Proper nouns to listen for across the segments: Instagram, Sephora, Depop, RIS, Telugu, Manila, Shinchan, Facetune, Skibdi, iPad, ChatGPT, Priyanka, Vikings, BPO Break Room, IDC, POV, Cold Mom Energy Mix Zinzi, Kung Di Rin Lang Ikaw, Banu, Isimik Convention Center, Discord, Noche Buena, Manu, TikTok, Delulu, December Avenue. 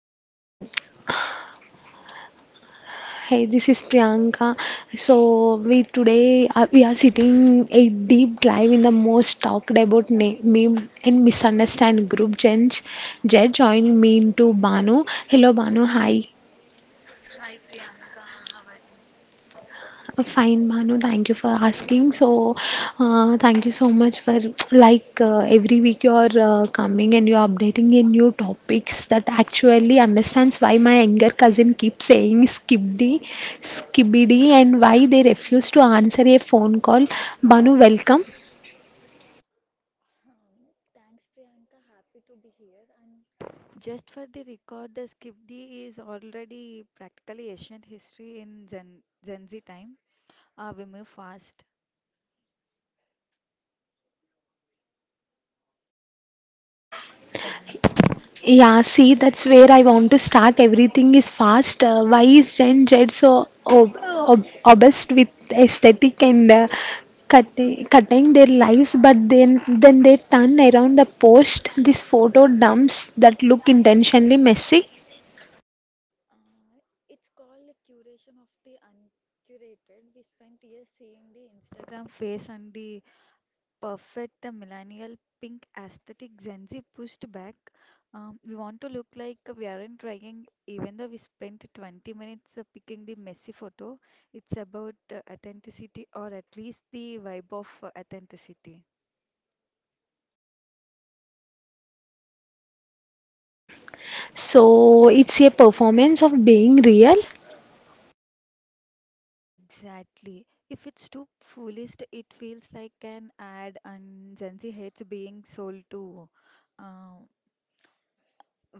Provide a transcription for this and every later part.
I'm. Hey, this is Priyanka. So, we are sitting a deep dive in the most talked about meme and misunderstand group. Jed joining me into Banu. Hello, Banu. Hi. Hi Priyanka, how are you? Fine, Manu. Thank you for asking. So, thank you so much for every week you're coming and you're updating in new topics that actually understands why my younger cousin keeps saying skibidi, and why they refuse to answer a phone call. Manu, welcome. Thanks Priyanka, happy to be here. And just for the record, the Skibdi is already practically ancient history in Gen Z time. We move fast. Yeah, see, that's where I want to start. Everything is fast. Why is Gen Z so obsessed with aesthetic and cutting their lives? But then they turn around the post these photo dumps that look intentionally messy. uh, it's called a curation of the uncurated. We spent years seeing the Instagram face and the perfect the millennial pink aesthetic Gen Z pushed back. We want to look like we aren't trying, even though we spent 20 minutes picking the messy photo. It's about authenticity, or at least the vibe of authenticity. So it's a performance of being real. Exactly. If it's too foolish, it feels like an ad, and Gen Z hates being sold to. uh,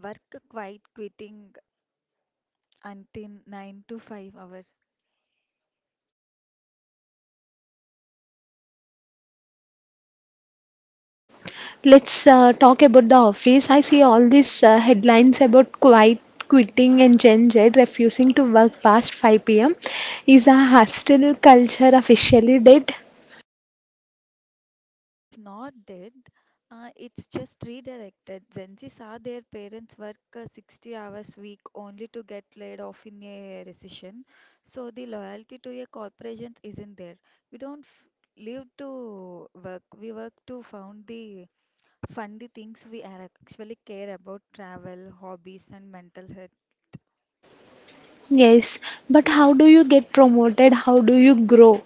Work quite quitting until 9 to 5 hours. Let's talk about the office. I see all these headlines about quiet quitting and Gen Z refusing to work past 5 pm. Is a hostile culture officially dead? It's not dead, it's just redirected. Gen Zs are their parents work 60 hours week only to get laid off in a recession. So the loyalty to a corporation isn't there. We don't f live to work, we work to found the fund the things we are actually care about: travel, hobbies, and mental health. Yes, but how do you get promoted? How do you grow?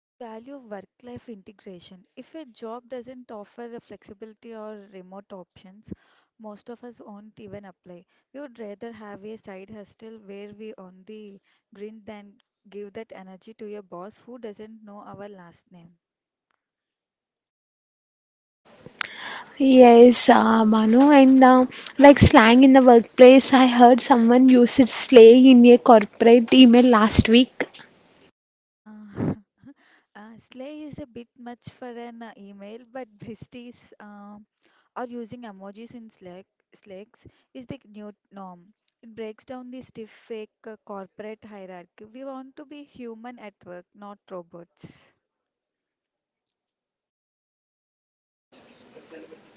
We value work-life integration. If a job doesn't offer the flexibility or remote options, most of us won't even apply. We would rather have a side hustle where we on the grind than give that energy to a boss who doesn't know our last name. Yes, Manu, and like slang in the workplace, I heard someone use it slay in a corporate email last week. Uh, slay is a bit much for an email, but besties are using emojis in Slack. Slacks is the new norm. It breaks down the stiff, fake corporate hierarchy. We want to be human at work, not robots.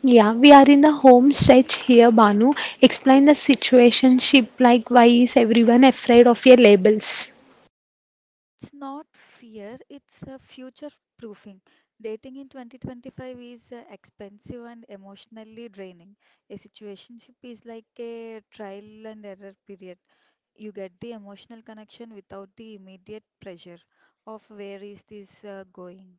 Yeah, we are in the home stretch here, Banu. Explain the situationship, like why is everyone afraid of your labels? It's not fear, it's a future proofing. Dating in 2025 is expensive and emotionally draining. A situationship is like a trial and error period. You get the emotional connection without the immediate pressure of where is this going.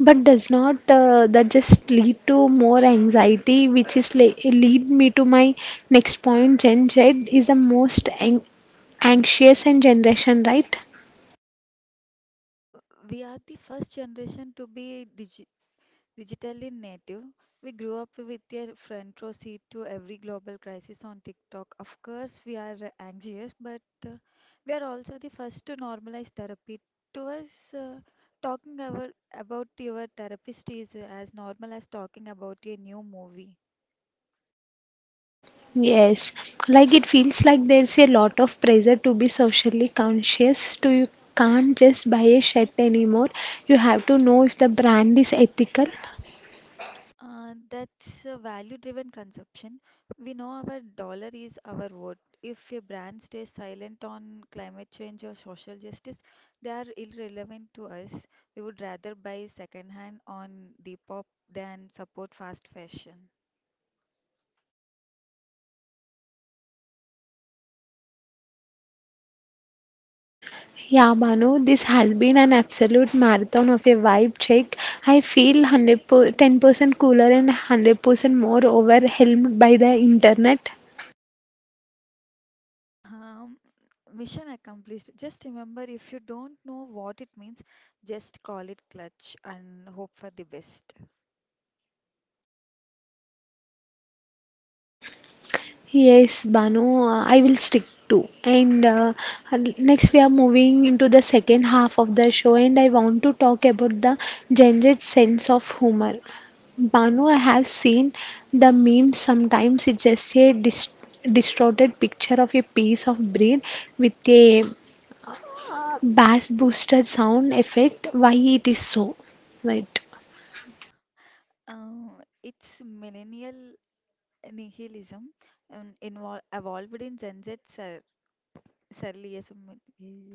But does not that just lead to more anxiety, which is le lead me to my next point. Gen Z is the most an anxious and generation, right? Uh, we are the first generation to be digitally native. We grew up with a front row seat to every global crisis on TikTok. Of course, we are anxious, but uh, we are also the first to normalize therapy. To us, talking about your therapist is as normal as talking about a new movie. Yes, like it feels like there's a lot of pressure to be socially conscious. To you can't just buy a shirt anymore. You have to know if the brand is ethical. That's a value-driven consumption. We know our dollar is our vote. If a brand stays silent on climate change or social justice, they are irrelevant to us. We would rather buy secondhand on Depop than support fast fashion. Yeah, Manu, this has been an absolute marathon of a vibe check. I feel 100 per 10% cooler and 100% more overwhelmed by the internet. Um, mission accomplished. Just remember, if you don't know what it means, just call it clutch and hope for the best. Yes, Banu, I will stick to. And next, we are moving into the second half of the show, and I want to talk about the gendered sense of humor. Banu, I have seen the memes sometimes it's just a distorted picture of a piece of brain with a bass boosted sound effect. Why it is so right? Um, it's millennial nihilism ఇన్వా evolved in Gen Z surrealism.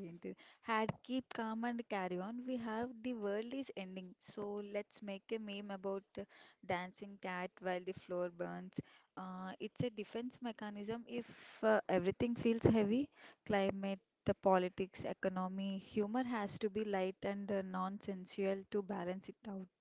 ఏంటి? Had keep calm and carry on. We have the world is ending. So let's make a meme about the dancing cat while the floor burns. It's a defense mechanism if everything feels heavy. Climate, the politics, economy, humor has to be light and non-sensual to balance it out.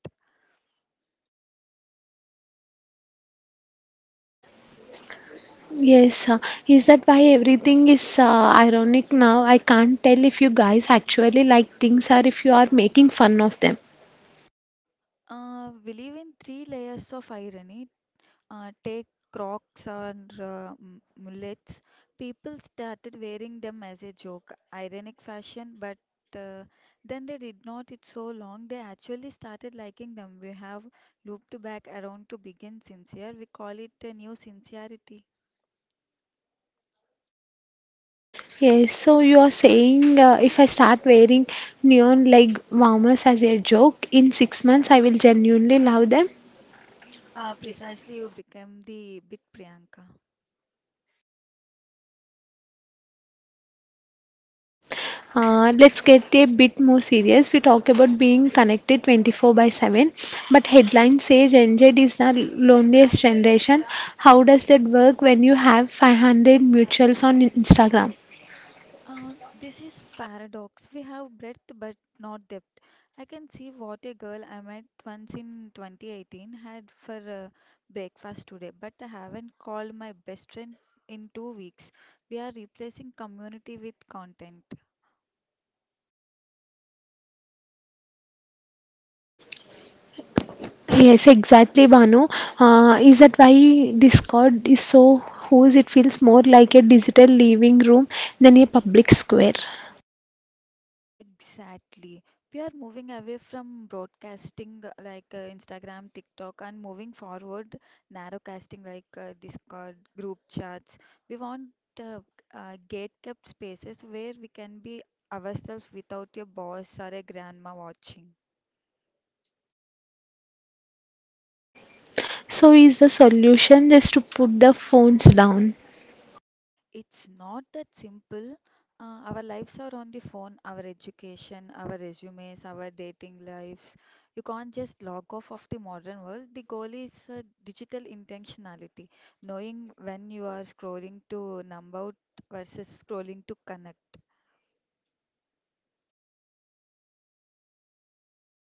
yes uh, is that why everything is ironic now? I can't tell if you guys actually like things or if you are making fun of them. We live in three layers of irony. Take crocs or mullets. People started wearing them as a joke, ironic fashion, but uh, then they did not it so long. They actually started liking them. We have looped back around to begin sincere. We call it a new sincerity. Yes so you are saying if I start wearing neon leg warmers as a joke in 6 months I will genuinely love them. Precisely, you became the bit, Priyanka. Let's get a bit more serious. We talk about being connected 24 by 7, but headlines say Gen Z is the loneliest generation. How does that work when you have 500 mutuals on Instagram? This is paradox. We have breadth but not depth. I can see what a girl I met once in 2018 had for breakfast today, but I haven't called my best friend in 2 weeks. We are replacing community with content. Yes, exactly, Banu. Is that why Discord is so whose it feels more like a digital living room than a public square? Exactly. We are moving away from broadcasting like Instagram, TikTok, and moving forward, narrowcasting like Discord, group chats. We want uh, gate-kept spaces where we can be ourselves without a boss or a grandma watching. So, is the solution just to put the phones down? It's not that simple. Our lives are on the phone: our education, our resumes, our dating lives. You can't just log off of the modern world. The goal is digital intentionality, knowing when you are scrolling to numb out versus scrolling to connect.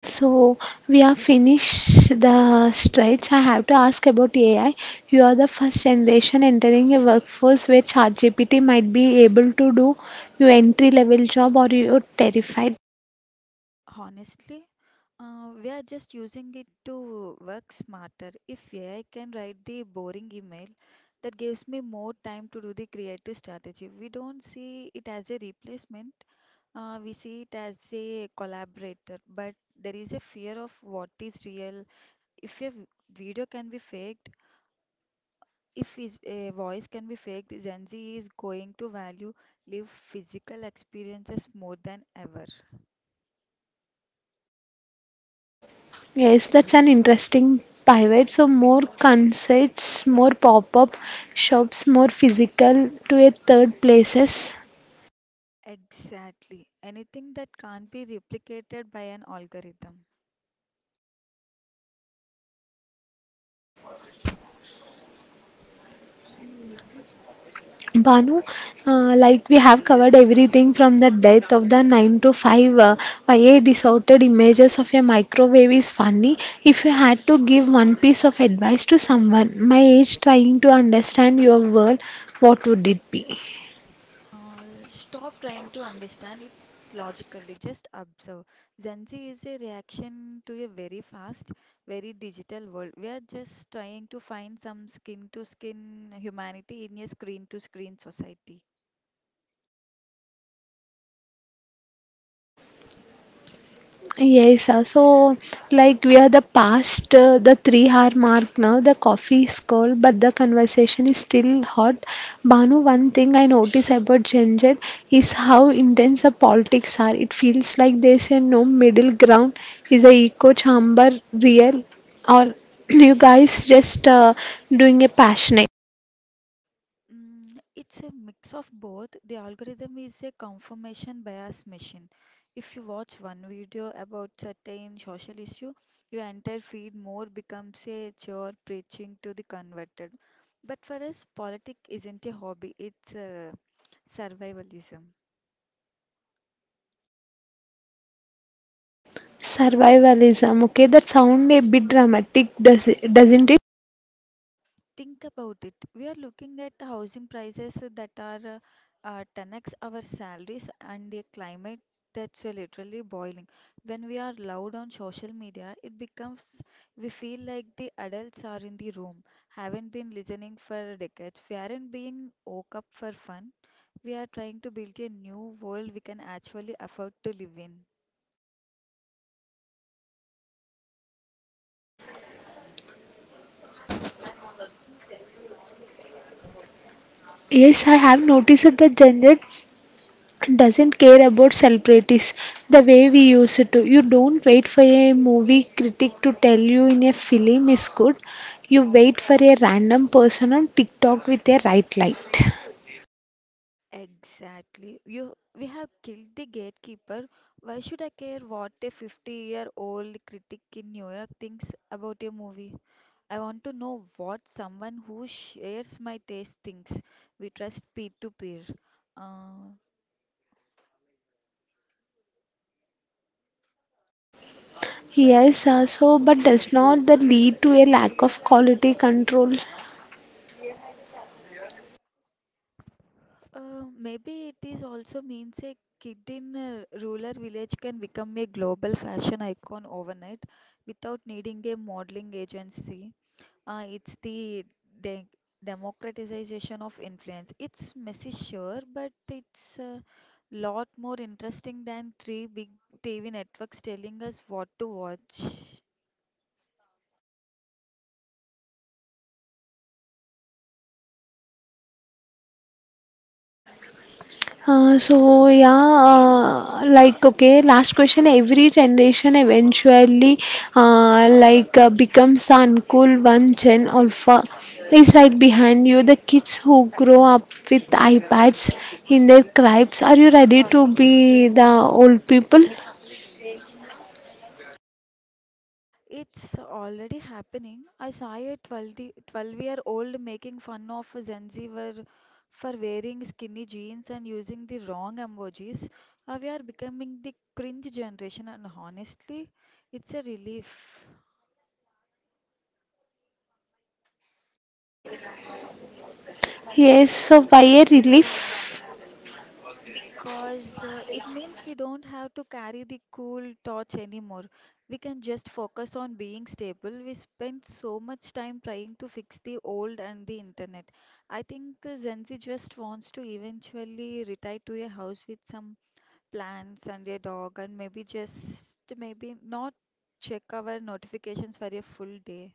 So we are finished the stretch. I have to ask about AI. You are the first generation entering a workforce where ChatGPT might be able to do your entry level job or you're terrified. Honestly, we are just using it to work smarter. If AI can write the boring email, that gives me more time to do the creative strategy. We don't see it as a replacement. We see it as a collaborator, but there is a fear of what is real. If a v- video can be faked, if is a voice can be faked, Gen Z is going to value live physical experiences more than ever. Yes, that's an interesting pivot. So more concerts, more pop-up shops, more physical to a third places. Exactly. Anything that can't be replicated by an algorithm. Banu, like we have covered everything from the death of the 9 to 5, why a distorted images of a microwave is funny. If you had to give one piece of advice to someone my age trying to understand your world, what would it be? Stop trying to understand it logically, just observe. Gen Z is a reaction to a very fast, very digital world. We are just trying to find some skin to skin humanity in a screen to screen society. Yes, so like we are the past the 3 hour mark now. The coffee is cold, but the conversation is still hot. Banu, one thing I notice about Gen Z is how intense the politics are. It feels like there's a no middle ground. Is the echo chamber real, or you guys just doing a passionate Mm, it's a mix of both. The algorithm is a confirmation bias machine. If you watch one video about certain social issue, your entire feed more becomes a chore preaching to the converted. But for us, politics isn't a hobby, it's survivalism. survivalism? Okay, that sound a bit dramatic, doesn't it? Think about it. We are looking at housing prices that are 10x our salaries and a climate that's literally boiling. When we are loud on social media, it becomes we feel like the adults are in the room, haven't been listening for decades. We aren't being woke up for fun. We are trying to build a new world we can actually afford to live in. Yes, I have noticed that the Gen Z doesn't care about celebrities the way we used to. You don't wait for a movie critic to tell you in a film is good. You wait for a random person on TikTok with a right light. Exactly. You, we have killed the gatekeeper. Why should I care what a 50-year-old critic in New York thinks about a movie? I want to know what someone who shares my taste thinks. We trust peer-to-peer. Uh, Yes, so but does not that lead to a lack of quality control? Maybe it is also means a kid in a rural village can become a global fashion icon overnight without needing a modeling agency. It's the de democratization of influence. It's messy, sure, but it's a lot more interesting than three big TV networks telling us what to watch. So yeah, like okay, last question. Every generation eventually, becomes the uncool one. Gen alpha is right behind you. The kids who grow up with iPads in their cribs. Are you ready to be the old people? It's already happening. I saw a 12-year-old making fun of a Gen Z for wearing skinny jeans and using the wrong emojis. We are becoming the cringe generation, and honestly, it's a relief. Yes. So by a relief. Because it means we don't have to carry the cool torch anymore. We can just focus on being stable. We spend so much time trying to fix the old and the internet. I think Gen just wants to eventually retire to a house with some plants and a dog, and maybe just maybe not check our notifications for a full day.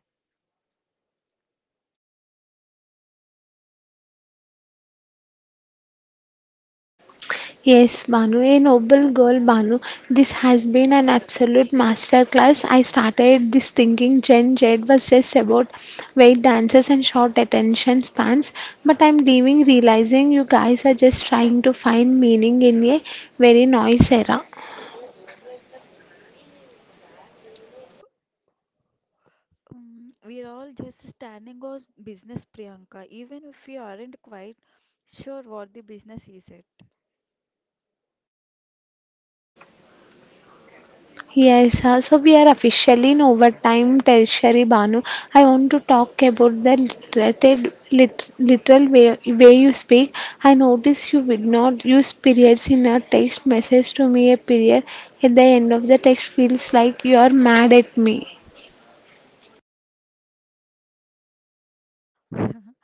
Yes, Banu, a noble girl, Banu. This has been an absolute masterclass. I started this thinking Gen Z was just about weight dances and short attention spans, but I'm leaving realizing you guys are just trying to find meaning in a very noise era. We're all just standing on business, Priyanka, even if we aren't quite sure what the business is yet. Yes, so we are officially in overtime, Tertiary Banu. I want to talk about the literal way you speak. I notice you did not use periods in a text message to me. A period at the end of the text feels like you are mad at me.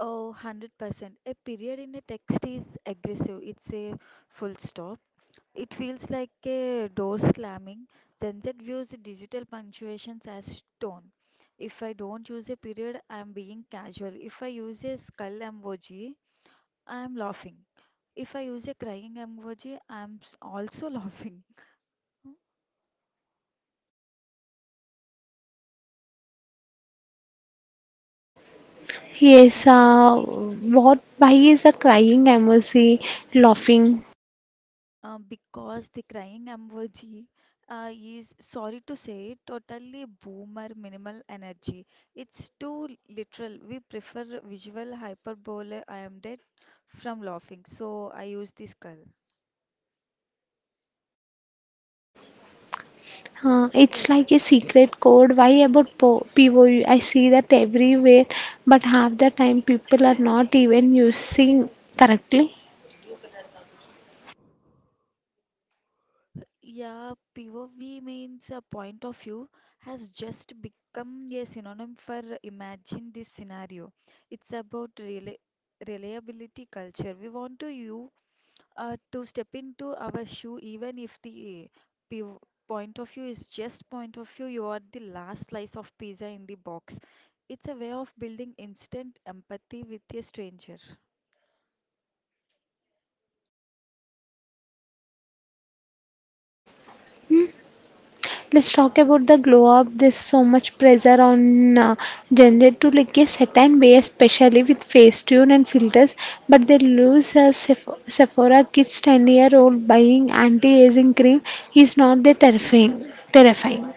Oh, 100%. A period in a text is aggressive. It's a full stop. It feels like a door slamming. Gen Z views digital punctuations as tone. If I don't use a period, I'm being casual. If I use a skull emoji, I'm laughing. If I use a crying emoji, also laughing. Yes, what why is a crying emoji laughing? Because the crying emoji is, sorry to say, totally boomer minimal energy. It's too literal. We prefer visual hyperbole. I am dead from laughing, so I use the skull. It's like a secret code. Why about POU? I see that everywhere, but half the time people are not even using correctly. Yeah, POV means a point of view has just become a synonym for imagine this scenario. It's about rela reliability culture. We want to you to step into our shoe, even if the piv- point of view is just point of view you are the last slice of pizza in the box. It's a way of building instant empathy with a stranger. Let's talk about the glow up. There's so much pressure on generated to like a certain way, especially with face tune and filters, but they lose a Sephora kids 10-year-old buying anti aging cream is not that terrifying. Terrifying.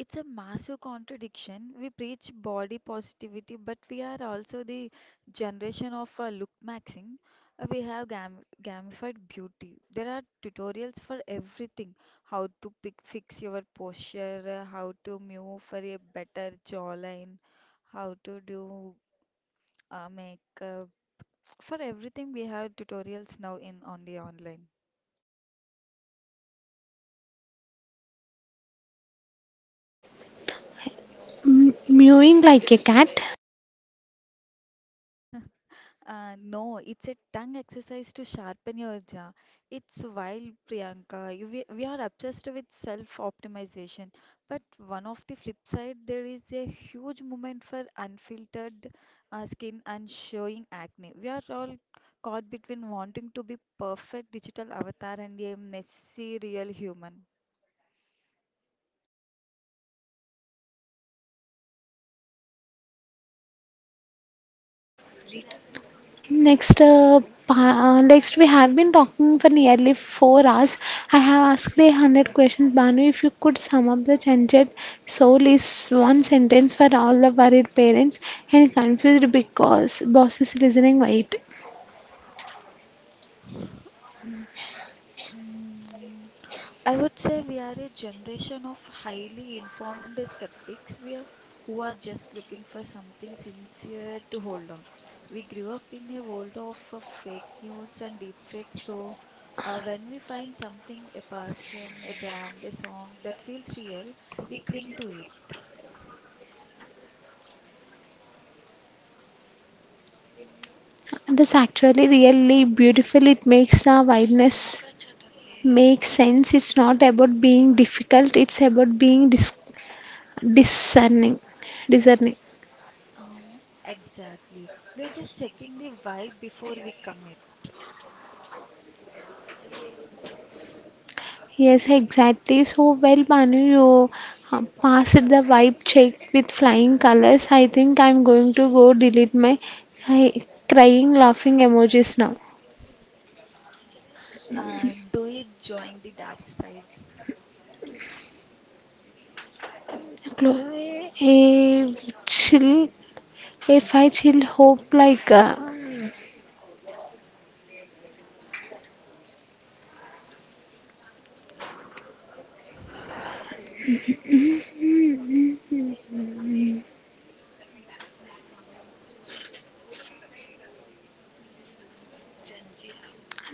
It's a massive contradiction. We preach body positivity, but we are also the generation of look maxing. We have gamified beauty. There are tutorials for everything: how to pick, fix your posture, how to move for a better jawline, how to do make. For everything, we have tutorials now in on the online. Mewing like a cat. No, it's a tongue exercise to sharpen your jaw. It's wild, Priyanka. We are obsessed with self-optimization, but one of the flip side, there is a huge movement for unfiltered skin and showing acne. We are all caught between wanting to be perfect digital avatar and a messy real human. Next, next we have been talking for nearly 4 hours. I have asked 100 questions. Banu, if you could sum up the chanted soul is one sentence for all the worried parents and confused because bosses listening. Wait, Mm, I would say we are a generation of highly informed skeptics we are, who are just looking for something sincere to hold on. We grew up in a world of fake news and deepfakes, so when we find something, a person, a brand, a song that feels real, we cling to it. that's actually really beautiful. It makes the wideness make sense. It's not about being difficult. It's about being discerning. Discerning. Um, exactly. We are just checking the vibe before we commit. Yes, exactly. So well, Banu, you passed the vibe check with flying colors. I think I'm going to go delete my I, crying, laughing emojis now. Do you join the dark side? Clo- A chill, if I chill, hope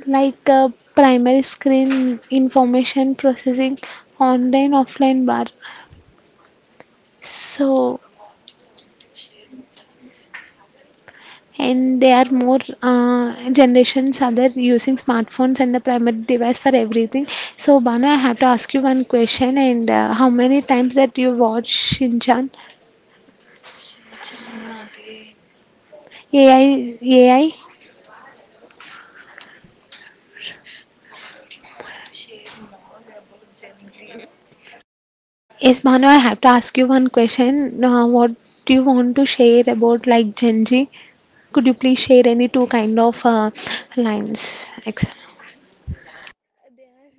like a primary screen information processing online offline bar. So and there are more generations are there using smartphones and the primary device for everything. So Banu, I have to ask you one question and how many times that you watch shinchan? Ai ai Yes Banu, I have to ask you one question. What do you want to share about like Gen Z? Could you please share any two kind of lines? They are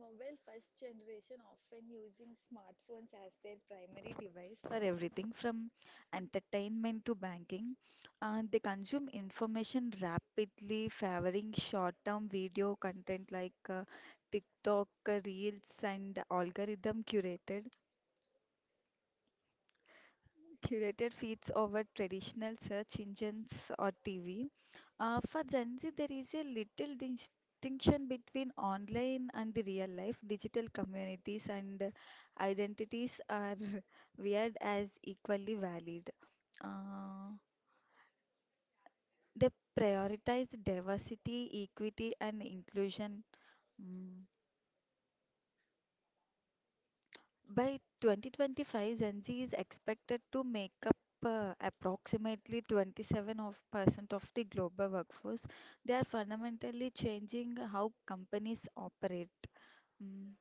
mobile first generation often using smartphones as their primary device for everything from entertainment to banking. They consume information rapidly, favoring short term video content like TikTok, Reels, and algorithm curated feeds over traditional search engines or TV. For Gen Z, there is a little distinction between online and the real life. Digital communities and identities are viewed as equally valid. Uh, they prioritize diversity, equity, and inclusion. Mm. By 2025, Gen Z is expected to make up approximately 27% of the global workforce. They are fundamentally changing how companies operate. Mm.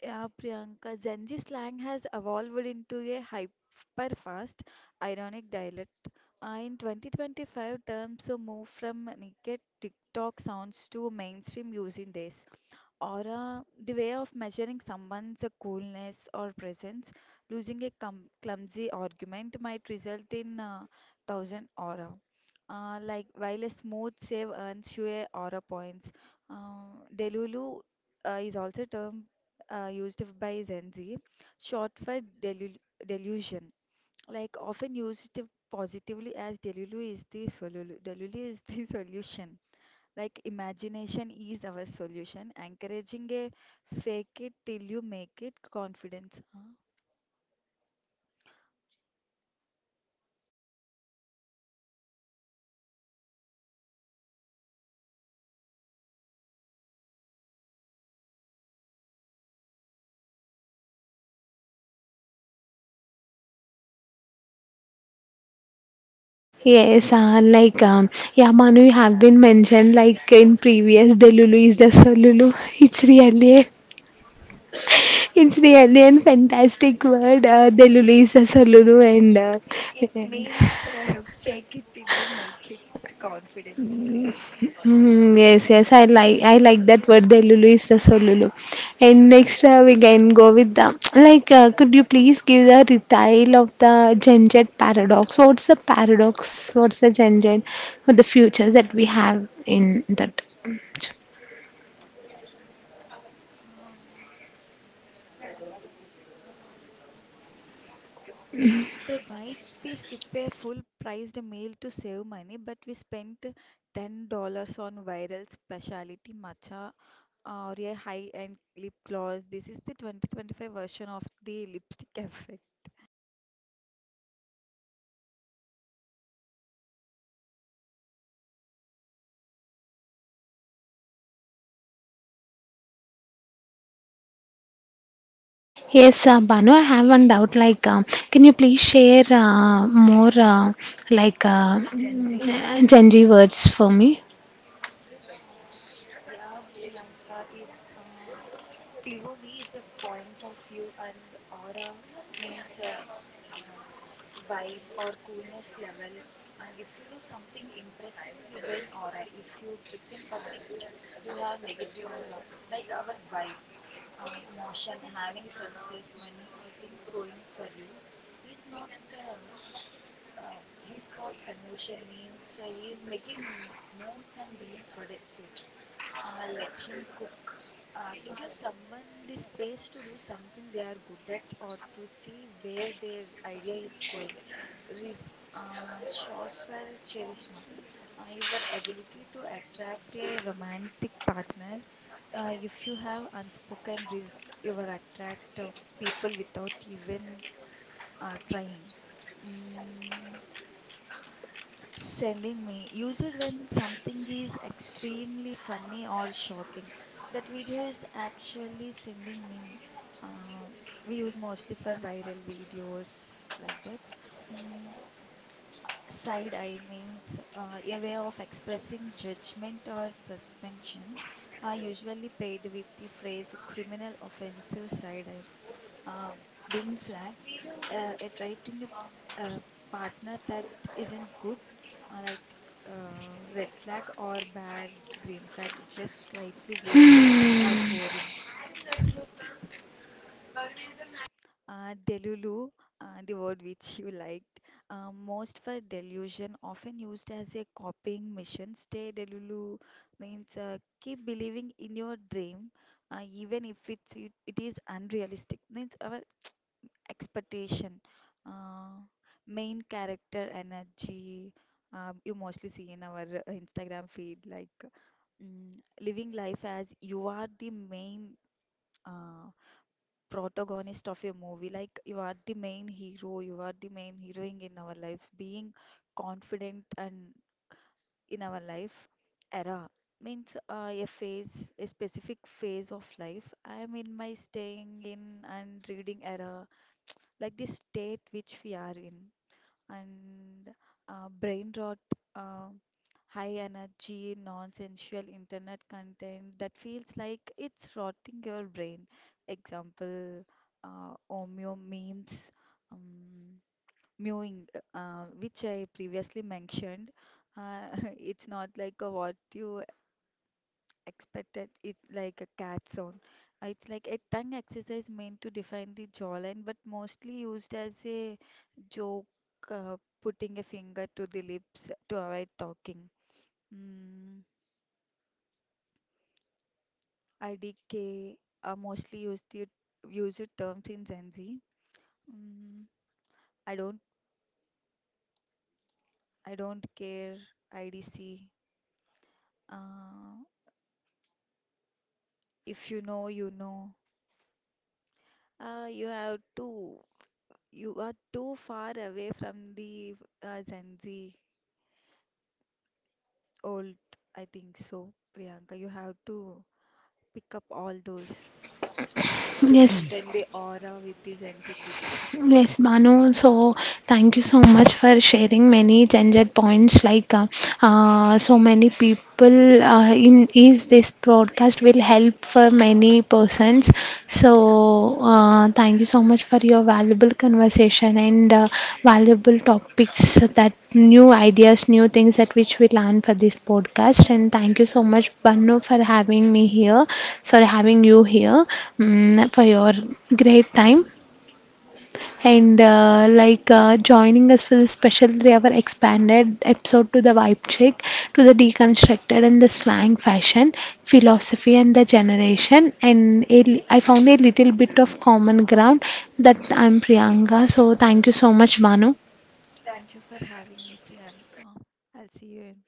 Yeah, Priyanka, Gen Z slang has evolved into a hyper-fast, ironic dialect. In 2025, terms move from naked TikTok sounds to mainstream use in days. Aura, the way of measuring someone's coolness or presence, losing a clumsy argument might result in thousand aura. Like while a smooth save earns you a aura points, Delulu is also a term used by Gen Z, short for delusion. Like often used positively as Delulu is the solution. Like imagination is our solution, encouraging a fake it till you make it confidence. Huh? Yes, like yeah, Manu, you have been mentioned like in previous. The Lulu is the Solulu. It's really a It's really a fantastic word. Telugu is a solulu and It means fake it till you make it confidence, Priyanka. mm, yes, Mm. yes, I like that word. Delulu is the solulu. And next we can go with the like. Could you please give the detail of the Gen Z paradox? What's the paradox? What's the Gen Z for the future that we have in that? They might be skip a full priced meal to save money, but we spent $10 on viral specialty matcha or a high-end lip gloss. This is the 2025 version of the lipstick effect. Yes, Banu, I have one doubt. Like, can you please share more like uh, Gen Z words for me? Yeah, Priyanka, it um POV, it's a point of view, and aura means um, vibe or coolness level. And if you do something impressive, you gain aura. If you trip in public, you have negative aura. Like our vibe, motion, having success, money, or things going for you. He's not. He's got emotion means he is making moves and being productive. Let him cook, to give someone the space to do something they are good at or to see where their idea is going. RIS, short for charisma, your ability to attract a romantic partner. If you have unspoken RIS, you will attract people without even trying. Mm. Sending me. Use it when something is extremely funny or shocking. That video is actually sending me. Uh, we use mostly for viral videos like that. Mm. Side eye means a way of expressing judgment or suspension. Are usually paired with the phrase criminal offensive side eye, um, being flagged, attracting a partner that isn't good, uh, like red flag or bad green flag, just slightly weird or boring. Delulu, the word which you liked, most for delusion, often used as a copying mission. Stay delulu means keep believing in your dream, even if it is unrealistic. Means our expectation, uh, main character energy. You mostly see in our Instagram feed, like mm, living life as you are the main uh, protagonist of your movie, like you are the main hero, you are the main heroine in our lives, being confident and in our life era means a phase, a specific phase of life. I am in my staying in and reading era, like the state which we are in. And Brain rot, uh, high energy, nonsensical internet content that feels like it's rotting your brain. Example, Omeo memes, um, mewing, which I previously mentioned. Uh, it's not like a what you expected it like a cat sound. It's like a tongue exercise meant to define the jawline, but mostly used as a joke, uh, putting a finger to the lips to avoid talking. Mm. IDK are mostly use the terms in Gen Z. Mm. I don't I don't care, IDC. Uh, if you know, you know. You have to you are too far away from the Gen Z old, I think so, Priyanka. You have to pick up all those to Yes, maintain the aura with the Gen Z kids. Yes, Manu. So, thank you so much for sharing many gender points. Like, so many people in is this broadcast will help for many persons. So, thank you so much for your valuable conversation and valuable topics that new ideas, new things that which we learn for this podcast. And thank you so much, Banu, for having me here. Sorry, having you here for your great time and joining us for the special 3-hour expanded episode to the vibe check, to the deconstructed and the slang fashion, philosophy and the generation. And a I found a little bit of common ground that I'm Priyanka. So thank you so much, Banu. Thank you for having me, Priyanka. I'll see you in